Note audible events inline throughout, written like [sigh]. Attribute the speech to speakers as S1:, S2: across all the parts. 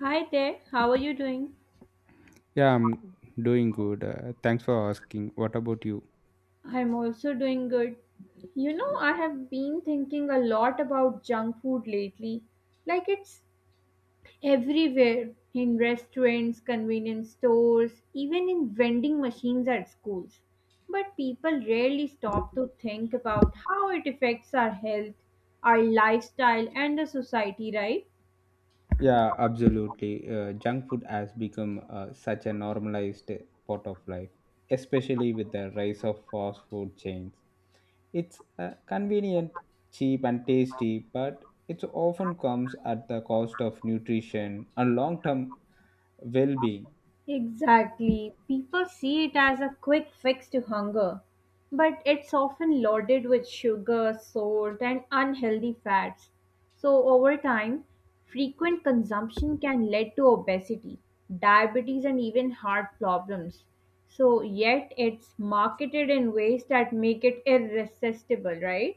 S1: Hi there, how are you doing?
S2: Yeah, I'm doing good. Thanks for asking. What about you?
S1: I'm also doing good. You know, I have been thinking a lot about junk food lately. Like it's everywhere in restaurants, convenience stores, even in vending machines at schools. But people rarely stop to think about how it affects our health, our lifestyle, and the society, right?
S2: Yeah, absolutely. Junk food has become such a normalized part of life, especially with the rise of fast food chains. It's convenient, cheap, and tasty, but it often comes at the cost of nutrition and long term well being.
S1: Exactly. People see it as a quick fix to hunger, but it's often loaded with sugar, salt, and unhealthy fats. So, over time, frequent consumption can lead to obesity, diabetes, and even heart problems. So, yet it's marketed in ways that make it irresistible, right?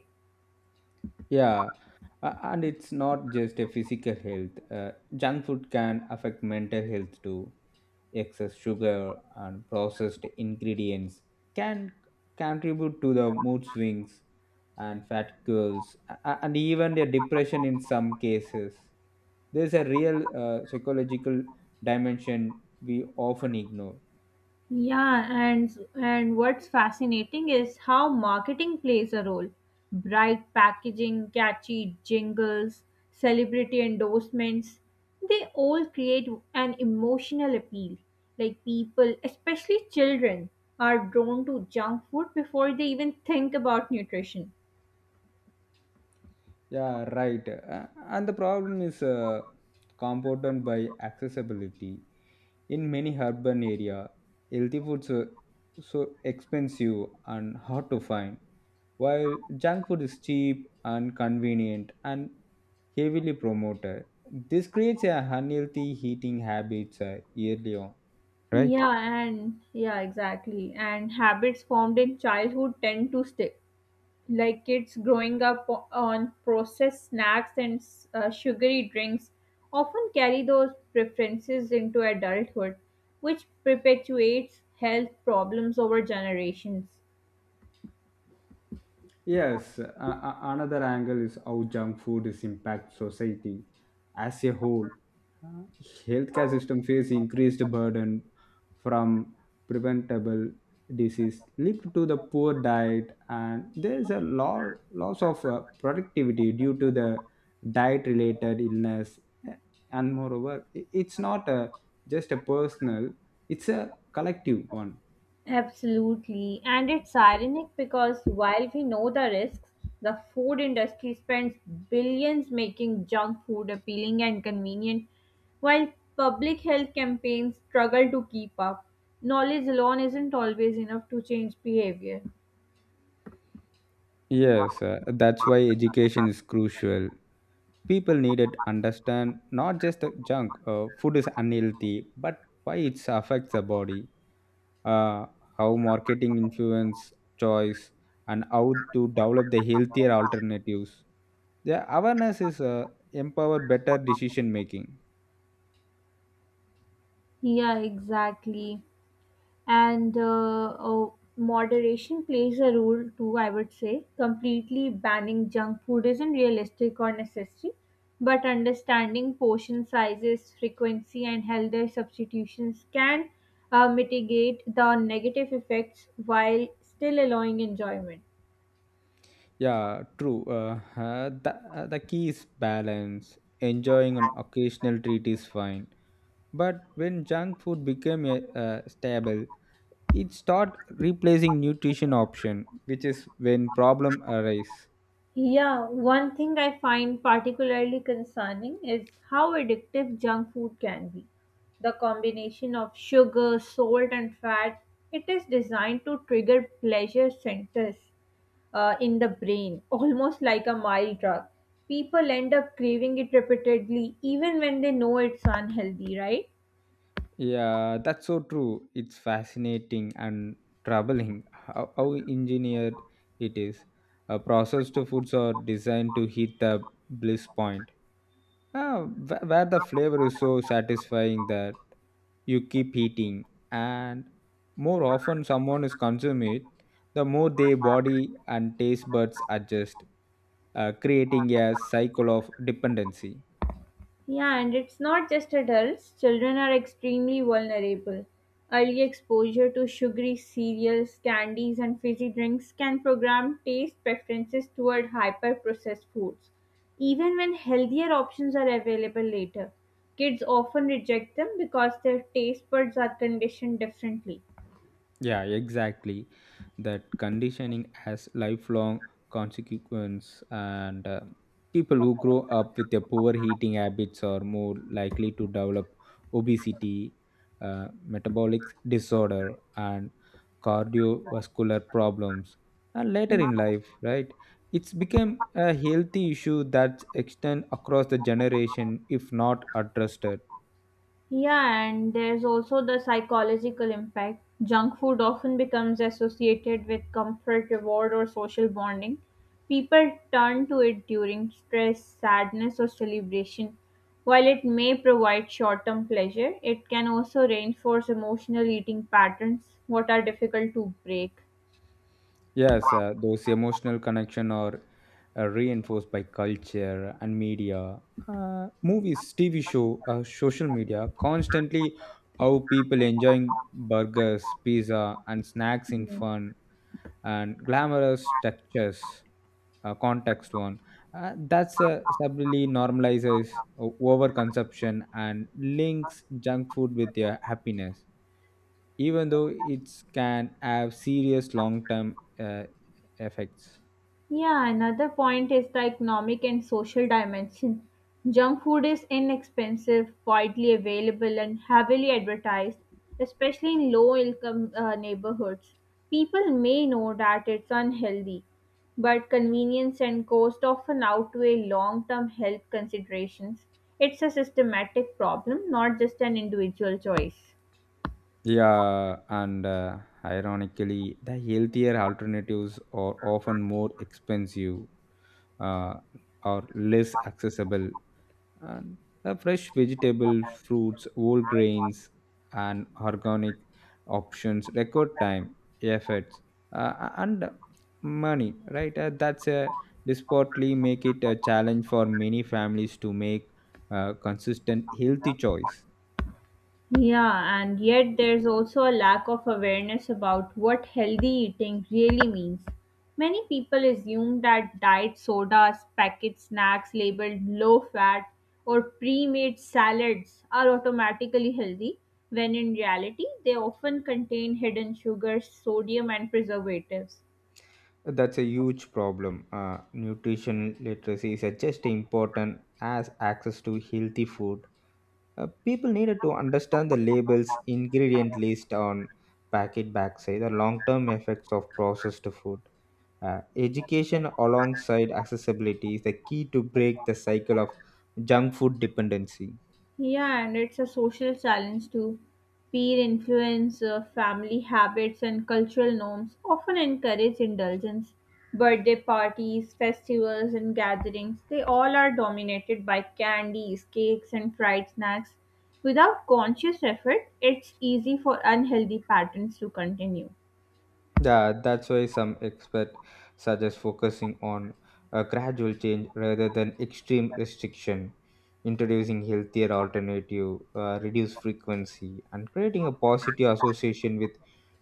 S2: Yeah, and it's not just a physical health, junk food can affect mental health too. Excess sugar and processed ingredients can contribute to the mood swings and fatigue and even the depression in some cases. There's a real psychological dimension we often ignore.
S1: Yeah, and what's fascinating is how marketing plays a role. Bright packaging, catchy jingles, celebrity endorsements, they all create an emotional appeal. Like people, especially children, are drawn to junk food before they even think about nutrition.
S2: Yeah, right. And the problem is compounded by accessibility. In many urban area, healthy foods are so expensive and hard to find, while junk food is cheap and convenient and heavily promoted. This creates a unhealthy eating habits early on, right?
S1: Yeah, and yeah, exactly. And habits formed in childhood tend to stick. Like kids growing up on processed snacks and sugary drinks often carry those preferences into adulthood, which perpetuates health problems over generations.
S2: Yes, another angle is how junk food is impact society as a whole. Uh, Healthcare system face increased burden from preventable disease linked to the poor diet, and there is a loss of productivity due to the diet-related illness. And moreover, it's not a, just a personal; it's a collective one.
S1: Absolutely. And it's ironic because while we know the risks, the food industry spends billions making junk food appealing and convenient, while public health campaigns struggle to keep up. Knowledge alone isn't always enough to change behavior.
S2: Yes, that's why education is crucial. People needed understand not just the junk, food is unhealthy, but why it affects the body, uh, how marketing influence choice, and how to develop the healthier alternatives. The awareness is empower better decision making.
S1: Yeah, exactly. And moderation plays a role too, I would say. Completely banning junk food isn't realistic or necessary, but understanding portion sizes, frequency, and healthier substitutions can mitigate the negative effects while still allowing enjoyment.
S2: Yeah, true. [laughs] The key is balance. Enjoying an occasional treat is fine. But when junk food became a, stable, it start replacing nutrition option, which is when problem arise.
S1: Yeah, one thing I find particularly concerning is how addictive junk food can be. The combination of sugar, salt, and fat, it is designed to trigger pleasure centers in the brain, almost like a mild drug. People end up craving it repeatedly, even when they know it's unhealthy, right?
S2: Yeah, that's so true. It's fascinating and troubling how engineered it is. Processed foods are designed to hit the bliss point, where the flavor is so satisfying that you keep eating, and more often someone is consume it, the more their body and taste buds adjust, creating a cycle of dependency.
S1: Yeah, and it's not just adults, children are extremely vulnerable. Early exposure to sugary cereals, candies, and fizzy drinks can program taste preferences toward hyper processed foods, even when healthier options are available later. Kids often reject them because their taste buds are conditioned differently.
S2: Yeah, exactly. That conditioning has lifelong consequence, and people who grow up with a poor eating habits are more likely to develop obesity, metabolic disorder, and cardiovascular problems. And
S1: Hmm.
S2: later in life, right? It's become a healthy issue that extends across the generation if not addressed.
S1: Yeah, and there's also the psychological impact. Junk food often becomes associated with comfort, reward, or social bonding. People turn to it during stress, sadness, or celebration. While it may provide short term pleasure, it can also reinforce emotional eating patterns, what are difficult to break.
S2: Yes, those emotional connection are reinforced by culture and media, movies, TV show, social media. Constantly, how people enjoying burgers, pizza, and snacks in
S1: Hmm.
S2: fun and glamorous textures. Context one that's subtly normalizes overconsumption and links junk food with their happiness, even though it can have serious long-term effects.
S1: Yeah, another point is the economic and social dimension. Junk food is inexpensive, widely available, and heavily advertised, especially in low income neighborhoods. People may know that it's unhealthy, but convenience and cost often outweigh long term health considerations. It's a systematic problem, not just an individual choice.
S2: Yeah, and ironically, the healthier alternatives are often more expensive uh, or less accessible. And the fresh vegetable, fruits, whole grains, and organic options require time, efforts, and money. Right? That's a desperately make it a challenge for many families to make a consistent healthy choice.
S1: Yeah, and yet there's also a lack of awareness about what healthy eating really means. Many people assume that diet sodas, packet snacks labeled low fat, or pre made salads are automatically healthy, when in reality, they often contain hidden sugars, sodium, and preservatives.
S2: That's a huge problem. Nutrition literacy is just important as access to healthy food. People needed to understand the labels, ingredient list on packet backside, the long-term effects of processed food. Education alongside accessibility is the key to break the cycle of junk food dependency.
S1: Yeah, and it's a social challenge too. Peer influence, family habits, and cultural norms often encourage indulgence. Birthday parties, festivals, and gatherings, they all are dominated by candies, cakes, and fried snacks. Without conscious effort, it's easy for unhealthy patterns to continue.
S2: Yeah, that's why some experts suggest focusing on a gradual change rather than extreme restriction, introducing healthier alternative, reduce frequency, and creating a positive association with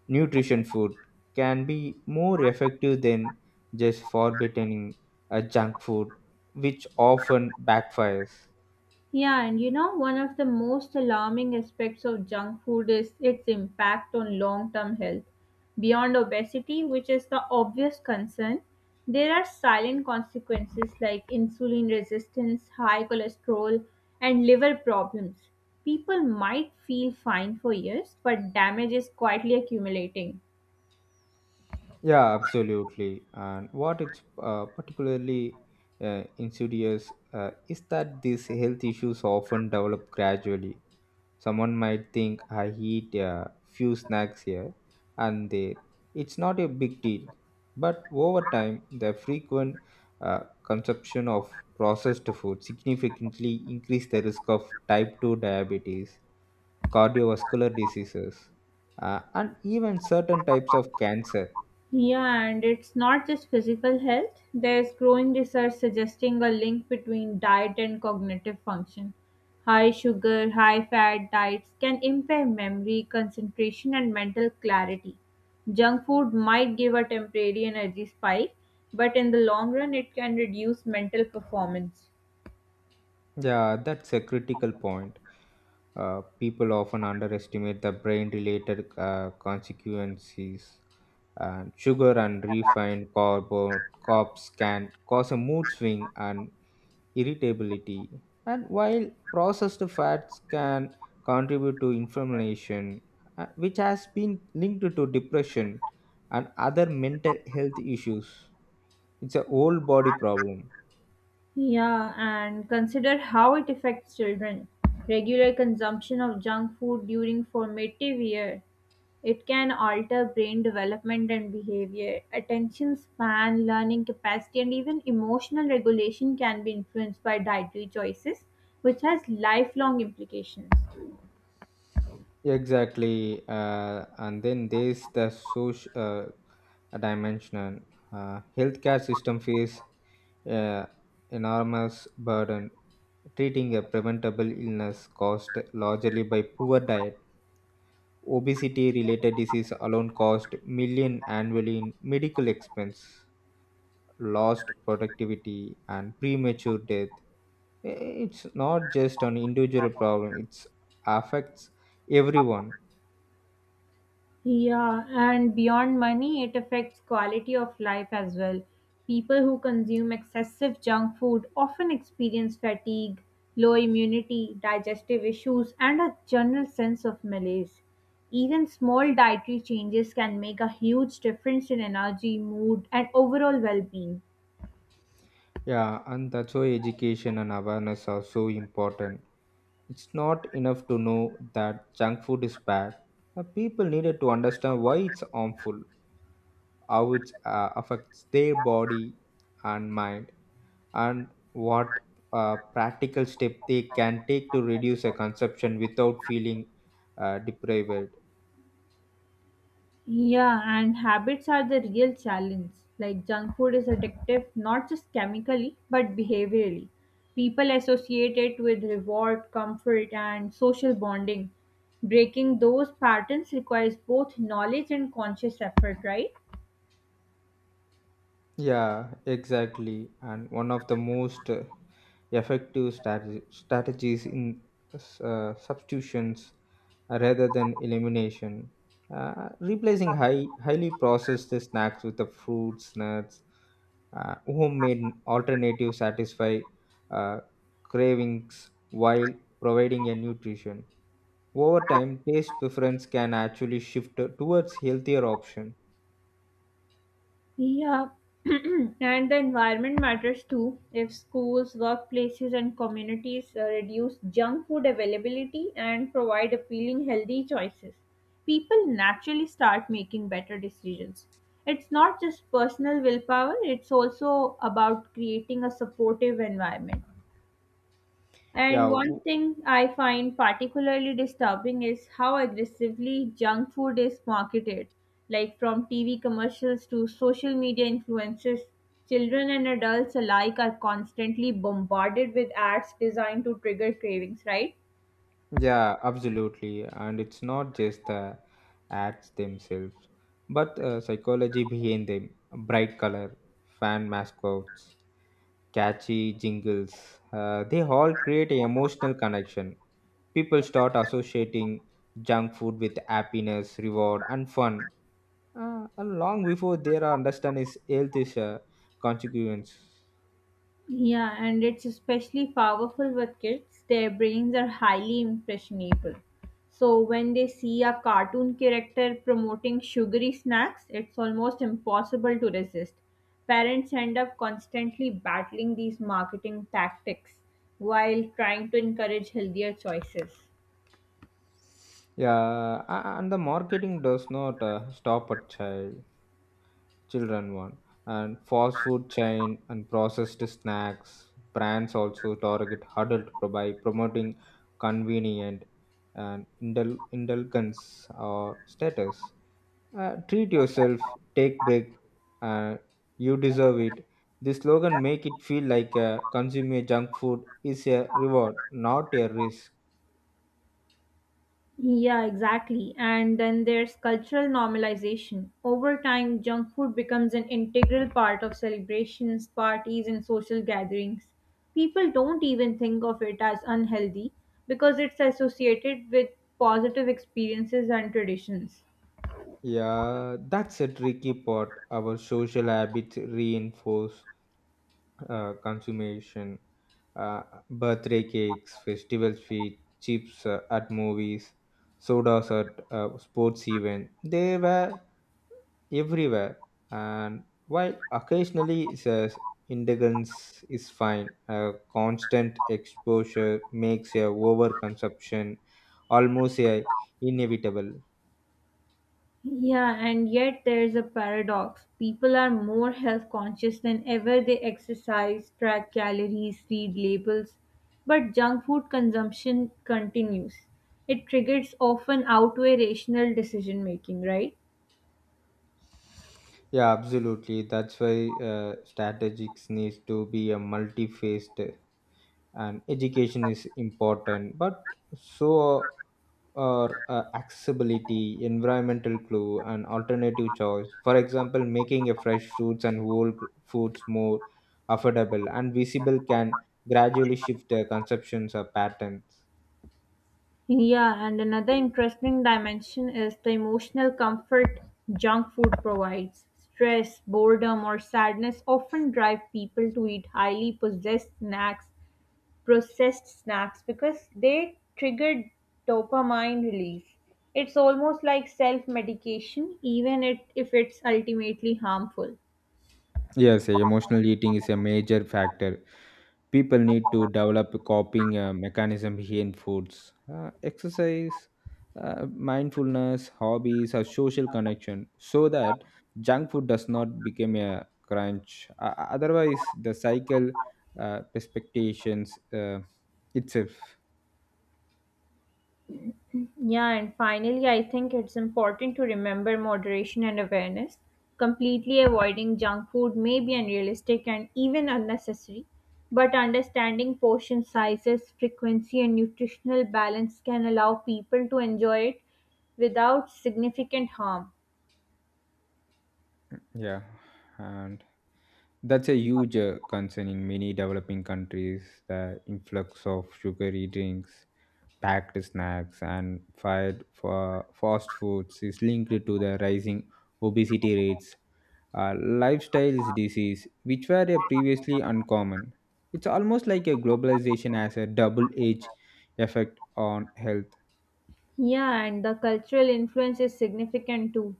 S2: nutrition food can be more effective than just forbidding a junk food, which often backfires.
S1: Yeah, and you know, one of the most alarming aspects of junk food is its impact on long term health. Beyond obesity, which is the obvious concern, there are silent consequences like insulin resistance, high cholesterol, and liver problems. People might feel fine for years, but damage is quietly accumulating.
S2: Yeah, absolutely. And what it's particularly insidious is that these health issues often develop gradually. Someone might think I eat a few snacks here and there. It's not a big deal. But over time, the frequent consumption of processed food significantly increase the risk of type 2 diabetes, cardiovascular diseases, and even certain types of cancer.
S1: Yeah, and it's not just physical health. There's growing research suggesting a link between diet and cognitive function. High sugar, high fat diets can impair memory, concentration, and mental clarity. Junk food might give a temporary energy spike, but in the long run, it can reduce mental performance.
S2: Yeah, that's a critical point. People often underestimate the brain related consequences. And sugar and refined carbs can cause a mood swing and irritability. And while processed fats can contribute to inflammation, which has been linked to depression and other mental health issues, it's a whole body problem.
S1: Yeah, and consider how it affects children. Regular consumption of junk food during formative year. It can alter brain development and behavior. Attention span, learning capacity, and even emotional regulation can be influenced by dietary choices, which has lifelong implications.
S2: Exactly, and then there's the social dimension. Healthcare system face uh, enormous burden. Treating a preventable illness cost largely by poor diet. Obesity-related disease alone cost million annually in medical expense, lost productivity, and premature death. It's not just an individual problem; it affects everyone.
S1: Yeah, and beyond money, it affects quality of life as well. People who consume excessive junk food often experience fatigue, low immunity, digestive issues, and a general sense of malaise. Even small dietary changes can make a huge difference in energy, mood, and overall well being.
S2: Yeah, and that's why education and awareness are so important. It's not enough to know that junk food is bad. The people needed to understand why it's harmful, how it affects their body and mind, and what practical step they can take to reduce a consumption without feeling deprived.
S1: Yeah, and habits are the real challenge. Like junk food is addictive not just chemically but behaviorally. People associate it with reward, comfort, and social bonding. Breaking those patterns requires both knowledge and conscious effort, right?
S2: Yeah, exactly. And one of the most effective strategies in substitutions rather than elimination, replacing highly processed snacks with the fruits, nuts, homemade alternative satisfy uh, cravings while providing a nutrition. Over time, taste preference can actually shift towards healthier option.
S1: Yeah, [clears throat] and the environment matters too. If schools, workplaces, and communities reduce junk food availability and provide appealing, healthy choices, people naturally start making better decisions. It's not just personal willpower, it's also about creating a supportive environment. And
S2: Yeah,
S1: one thing I find particularly disturbing is how aggressively junk food is marketed, like from TV commercials to social media influences. Children and adults alike are constantly bombarded with ads designed to trigger cravings, right?
S2: yeah, absolutely. And it's not just the ads themselves, but psychology behind them. Bright color, fan mascots, catchy jingles, they all create an emotional connection. People start associating junk food with happiness, reward, and fun. And long before they are understand its health is a consequence.
S1: Yeah, and it's especially powerful with kids. Their brains are highly impressionable. So when they see a cartoon character promoting sugary snacks, it's almost impossible to resist. Parents end up constantly battling these marketing tactics while trying to encourage healthier choices.
S2: Yeah, and the marketing does not stop at children one, and fast food chain and processed snacks brands also target adult by promoting convenient and indulgence or status. Treat yourself, take break, uh, you deserve it. This slogan make it feel like consuming junk food is a reward, not a risk.
S1: Yeah, exactly. And then there's cultural normalization. Over time, junk food becomes an integral part of celebrations, parties, and social gatherings. People don't even think of it as unhealthy because it's associated with positive experiences and traditions.
S2: Yeah, that's a tricky part. Our social habits reinforce consummation, uh, birthday cakes, festival sweets, chips at movies, sodas at sports event. They were everywhere, and while occasionally says indulgence is fine, constant exposure makes a overconsumption almost a inevitable.
S1: Yeah, and yet there is a paradox. People are more health conscious than ever. They exercise, track calories, read labels, but junk food consumption continues. It triggers often outweigh rational decision making, right?
S2: Yeah, absolutely. That's why strategics needs to be a multi-faced, and education is important, but so are accessibility, environmental clue, and alternative choice. For example, making a fresh fruits and foods more affordable and visible can gradually shift their conceptions or patterns.
S1: Yeah, and another interesting dimension is the emotional comfort junk food provides. Stress, boredom, or sadness often drive people to eat highly processed snacks because they trigger dopamine release. It's almost like self medication, if it's ultimately harmful.
S2: Yes, emotional eating is a major factor. People need to develop a coping mechanism here in foods, exercise, uh, mindfulness, hobbies, or social connection, so that junk food does not become a crunch. Otherwise the cycle expectations itself.
S1: Yeah, and finally, I think it's important to remember moderation and awareness. Completely avoiding junk food may be unrealistic and even unnecessary, but understanding portion sizes, frequency, and nutritional balance can allow people to enjoy it without significant harm.
S2: Yeah, and that's a huge concern in many developing countries. The influx of sugary drinks, packed snacks, and fired for fast foods is linked to the rising obesity rates, lifestyle disease, which were previously uncommon. It's almost like a globalization has a double-edged effect on health.
S1: Yeah, and the cultural influence is significant too.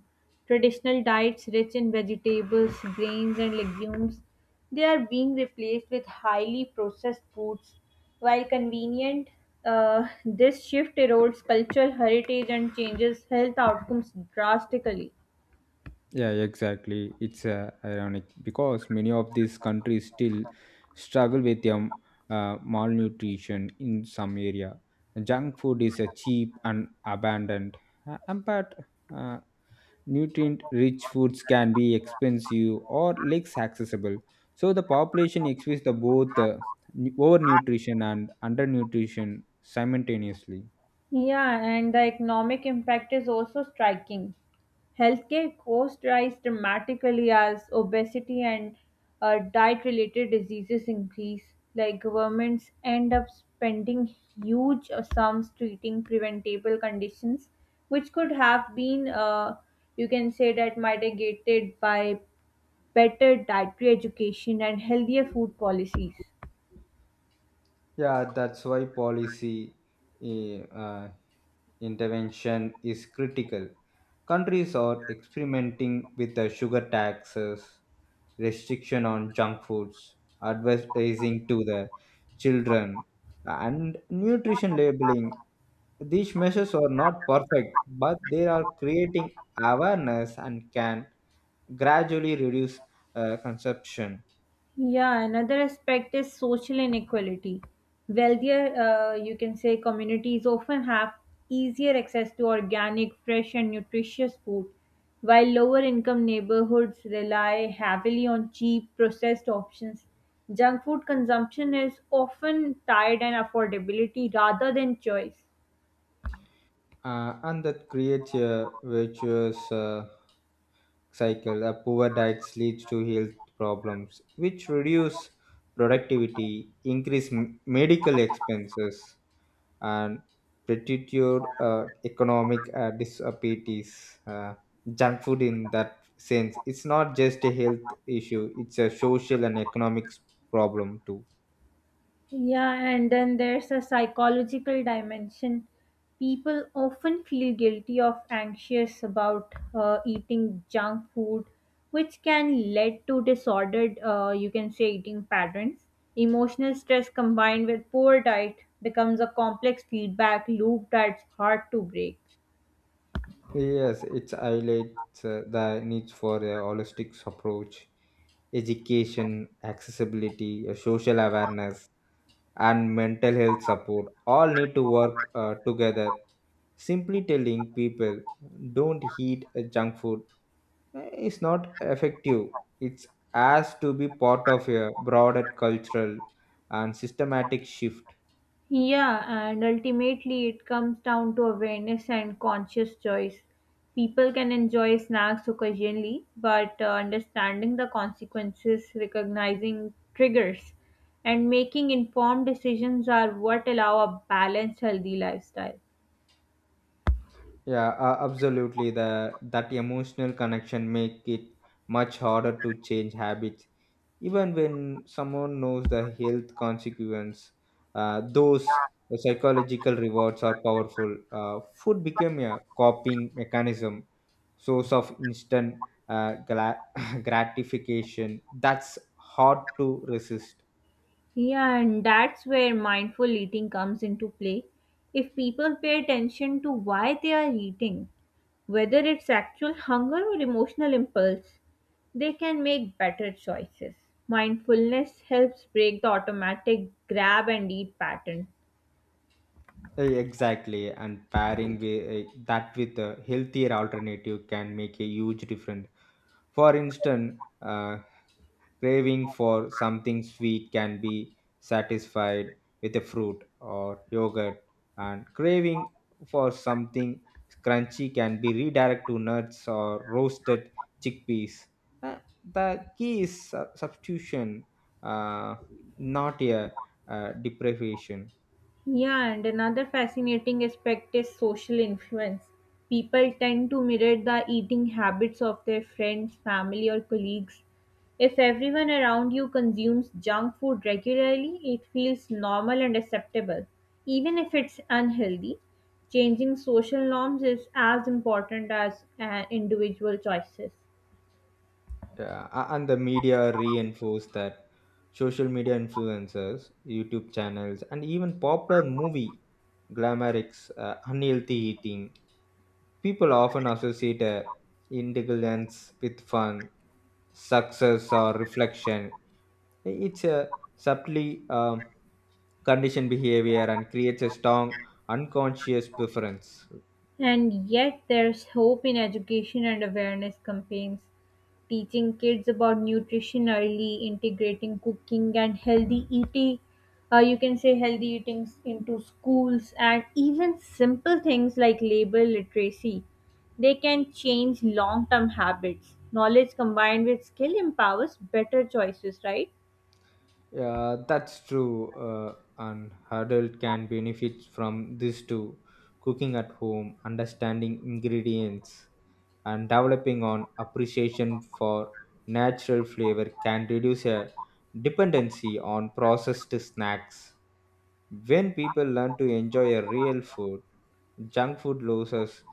S1: Traditional diets rich in vegetables, grains, and legumes, they are being replaced with highly processed foods. While convenient, this shift erodes cultural heritage and changes health outcomes drastically.
S2: Yeah, exactly. It's ironic because many of these countries still struggle with malnutrition in some area. Junk food is cheap and abundant, and but uh, nutrient rich foods can be expensive or less accessible, so the population experiences the both overnutrition and undernutrition simultaneously.
S1: Yeah, and the economic impact is also striking. Healthcare costs rise dramatically as obesity and diet related diseases increase. Like governments end up spending huge sums treating preventable conditions, which could have been, you can say, that mitigated by better dietary education and healthier food policies.
S2: Yeah, that's why policy eh, uh, intervention is critical. Countries are experimenting with the sugar taxes, restriction on junk foods, advertising to the children, and nutrition labeling. These measures are not perfect, but they are creating awareness and can gradually reduce consumption.
S1: Yeah, another aspect is social inequality. Wealthier, you can say, communities often have easier access to organic, fresh, and nutritious food, while lower income neighborhoods rely heavily on cheap, processed options. Junk food consumption is often tied and affordability rather than choice.
S2: And that creates a virtuous cycle. A poor diet leads to health problems, which reduce productivity, increase medical expenses, and pretitude economic disabilities. Junk food, in that sense, it's not just a health issue; it's a social and economic problem too.
S1: Yeah, and then there's a psychological dimension. People often feel guilty of anxious about eating junk food, which can lead to disordered, you can say, eating patterns. Emotional stress combined with poor diet becomes a complex feedback loop that's hard to break.
S2: Yes, it highlights the need for a holistic approach, education, accessibility, social awareness, and mental health support all need to work together. Simply telling people don't eat junk food is not effective. It has to be part of a broader cultural and systematic shift.
S1: Yeah, and ultimately it comes down to awareness and conscious choice. People can enjoy snacks occasionally, but understanding the consequences, recognizing triggers, and making informed decisions are what allow a balanced, healthy lifestyle.
S2: Yeah, absolutely. The that emotional connection make it much harder to change habits, even when someone knows the health consequence. Those psychological rewards are powerful. Food became a coping mechanism, source of instant uh, gla- [laughs] gratification. That's hard to resist.
S1: Yeah, and that's where mindful eating comes into play. If people pay attention to why they are eating, whether it's actual hunger or emotional impulse, they can make better choices. Mindfulness helps break the automatic grab and eat pattern.
S2: Exactly, and pairing that with a healthier alternative can make a huge difference. For instance, craving for something sweet can be satisfied with a fruit or yogurt, and craving for something crunchy can be redirected to nuts or roasted chickpeas. Uh, the key is substitution, uh, not a deprivation.
S1: Yeah, and another fascinating aspect is social influence. People tend to mirror the eating habits of their friends, family, or colleagues. If everyone around you consumes junk food regularly, it feels normal and acceptable, even if it's unhealthy. Changing social norms is as important as individual choices.
S2: Yeah, and the media reinforce that. Social media influencers, YouTube channels, and even popular movie glamorics, unhealthy eating. People often associate indulgence with fun, success, or reflection. It's a subtly conditioned behavior and creates a strong unconscious preference.
S1: And yet, there's hope in education and awareness campaigns. Teaching kids about nutrition early, integrating cooking and healthy eating, you can say healthy eating into schools, and even simple things like label literacy. They can change long term habits. Knowledge combined with skill empowers better choices, right?
S2: Yeah, that's true. An adult can benefit from this too. Cooking at home, understanding ingredients, and developing on appreciation for natural flavor can reduce a dependency on processed snacks. When people learn to enjoy a real food, junk food loses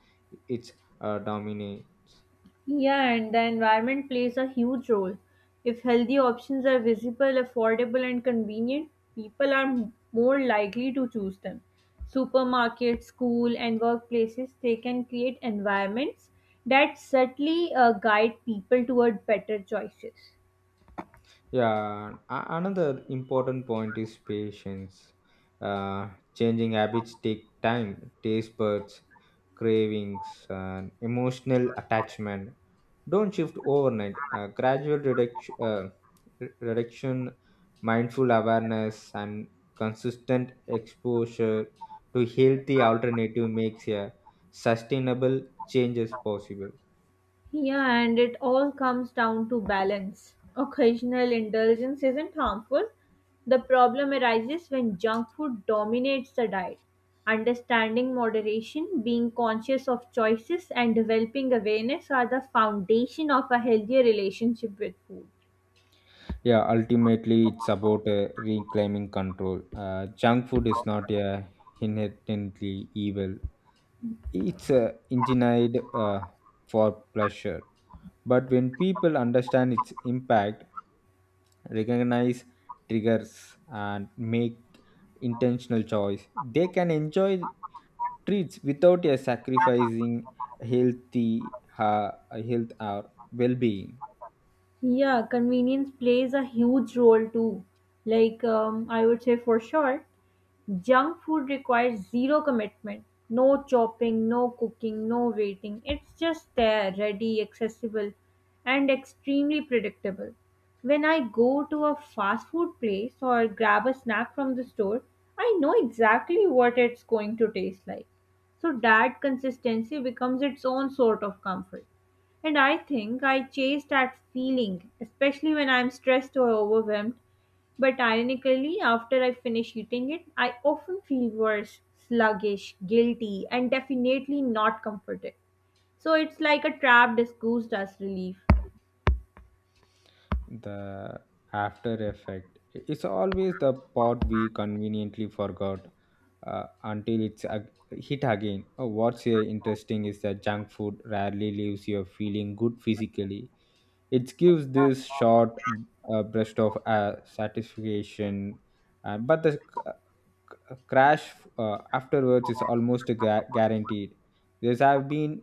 S2: its dominion.
S1: Yeah, and the environment plays a huge role. If healthy options are visible, affordable, and convenient, people are more likely to choose them. Supermarkets, school, and workplaces, they can create environments that subtly guide people toward better choices.
S2: Yeah, another important point is patience. Changing habits take time, taste buds, cravings, and emotional attachment. Don't shift overnight. Gradual reduction, reduction, mindful awareness, and consistent exposure to healthy alternative makes a sustainable changes possible.
S1: Yeah, and it all comes down to balance. Occasional indulgence isn't harmful. The problem arises when junk food dominates the diet. Understanding moderation, being conscious of choices, and developing awareness are the foundation of a healthier relationship with food.
S2: Yeah, ultimately, it's about reclaiming control. Junk food is not inherently evil, it's engineered for pleasure. But when people understand its impact, recognize triggers, and make intentional choice, they can enjoy treats without sacrificing healthy uh, health or well being.
S1: Yeah, convenience plays a huge role too. Like, I would say for sure, junk food requires zero commitment. No chopping, no cooking, no waiting. It's just there, ready, accessible, and extremely predictable. When I go to a fast food place or grab a snack from the store, I know exactly what it's going to taste like. So that consistency becomes its own sort of comfort. And I think I chase that feeling, especially when I'm stressed or overwhelmed. But ironically, after I finish eating it, I often feel worse, sluggish, guilty, and definitely not comforted. So it's like a trap disguised as relief.
S2: The after effect, it's always the part we conveniently forgot until it's hit again. Oh, what's interesting is that junk food rarely leaves you feeling good physically. It gives this short burst of satisfaction, but the a crash afterwards is almost guaranteed. There's have been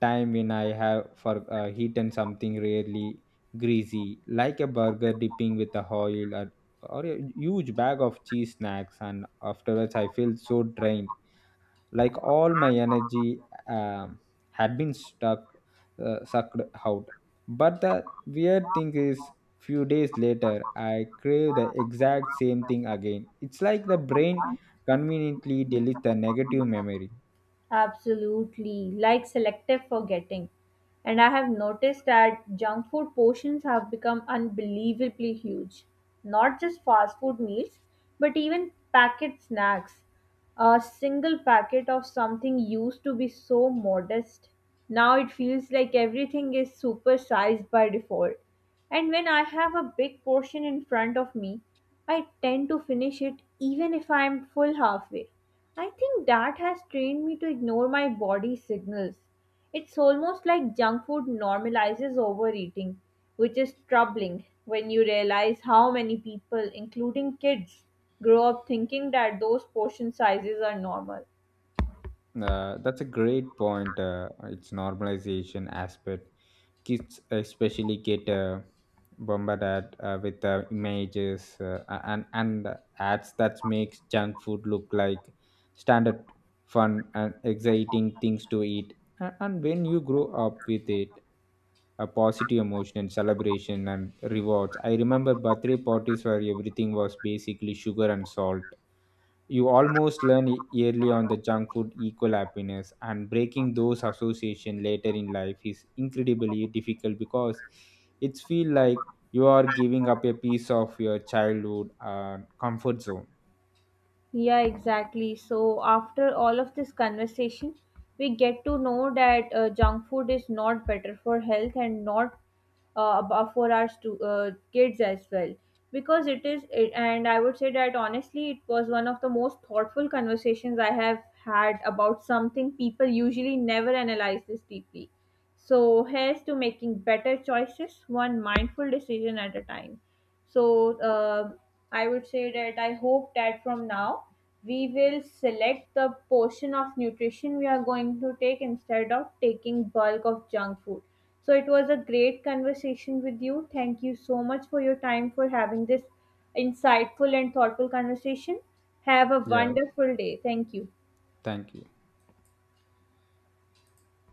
S2: time when I have for eaten something really greasy, like a burger dipping with the oil or a huge bag of cheese snacks, and afterwards I feel so drained, like all my energy um, had been stuck sucked out. But the weird thing is, few days later I crave the exact same thing again. It's like the brain conveniently deletes the negative memory.
S1: Absolutely, like selective forgetting. And I have noticed that junk food portions have become unbelievably huge. Not just fast food meals, but even packet snacks. A single packet of something used to be so modest. Now it feels like everything is supersized by default. And when I have a big portion in front of me, I tend to finish it even if I am full halfway. I think that has trained me to ignore my body's signals. It's almost like junk food normalizes overeating, which is troubling when you realize how many people, including kids, grow up thinking that those portion sizes are normal.
S2: That's a great point. Its normalization aspect. Kids especially get bombarded with images, and ads that makes junk food look like standard fun and exciting things to eat. And when you grow up with it, a positive emotion and celebration and rewards. I remember birthday parties where everything was basically sugar and salt. You almost learn early on the junk food equal happiness, and breaking those association later in life is incredibly difficult because it's feel like you are giving up a piece of your childhood comfort zone.
S1: Yeah, exactly. So, after all of this conversation, we get to know that junk food is not better for health and not for our kids as well. Because it is, it, And I would say that honestly, it was one of the most thoughtful conversations I have had about something people usually never analyze this deeply. So, here's to making better choices, one mindful decision at a time. So, I would say that I hope that from now, we will select the portion of nutrition we are going to take instead of taking bulk of junk food. So it was a great conversation with you. Thank you so much for your time for having this insightful and thoughtful conversation. Have a
S2: Yeah.
S1: wonderful day. Thank you.
S2: Thank you.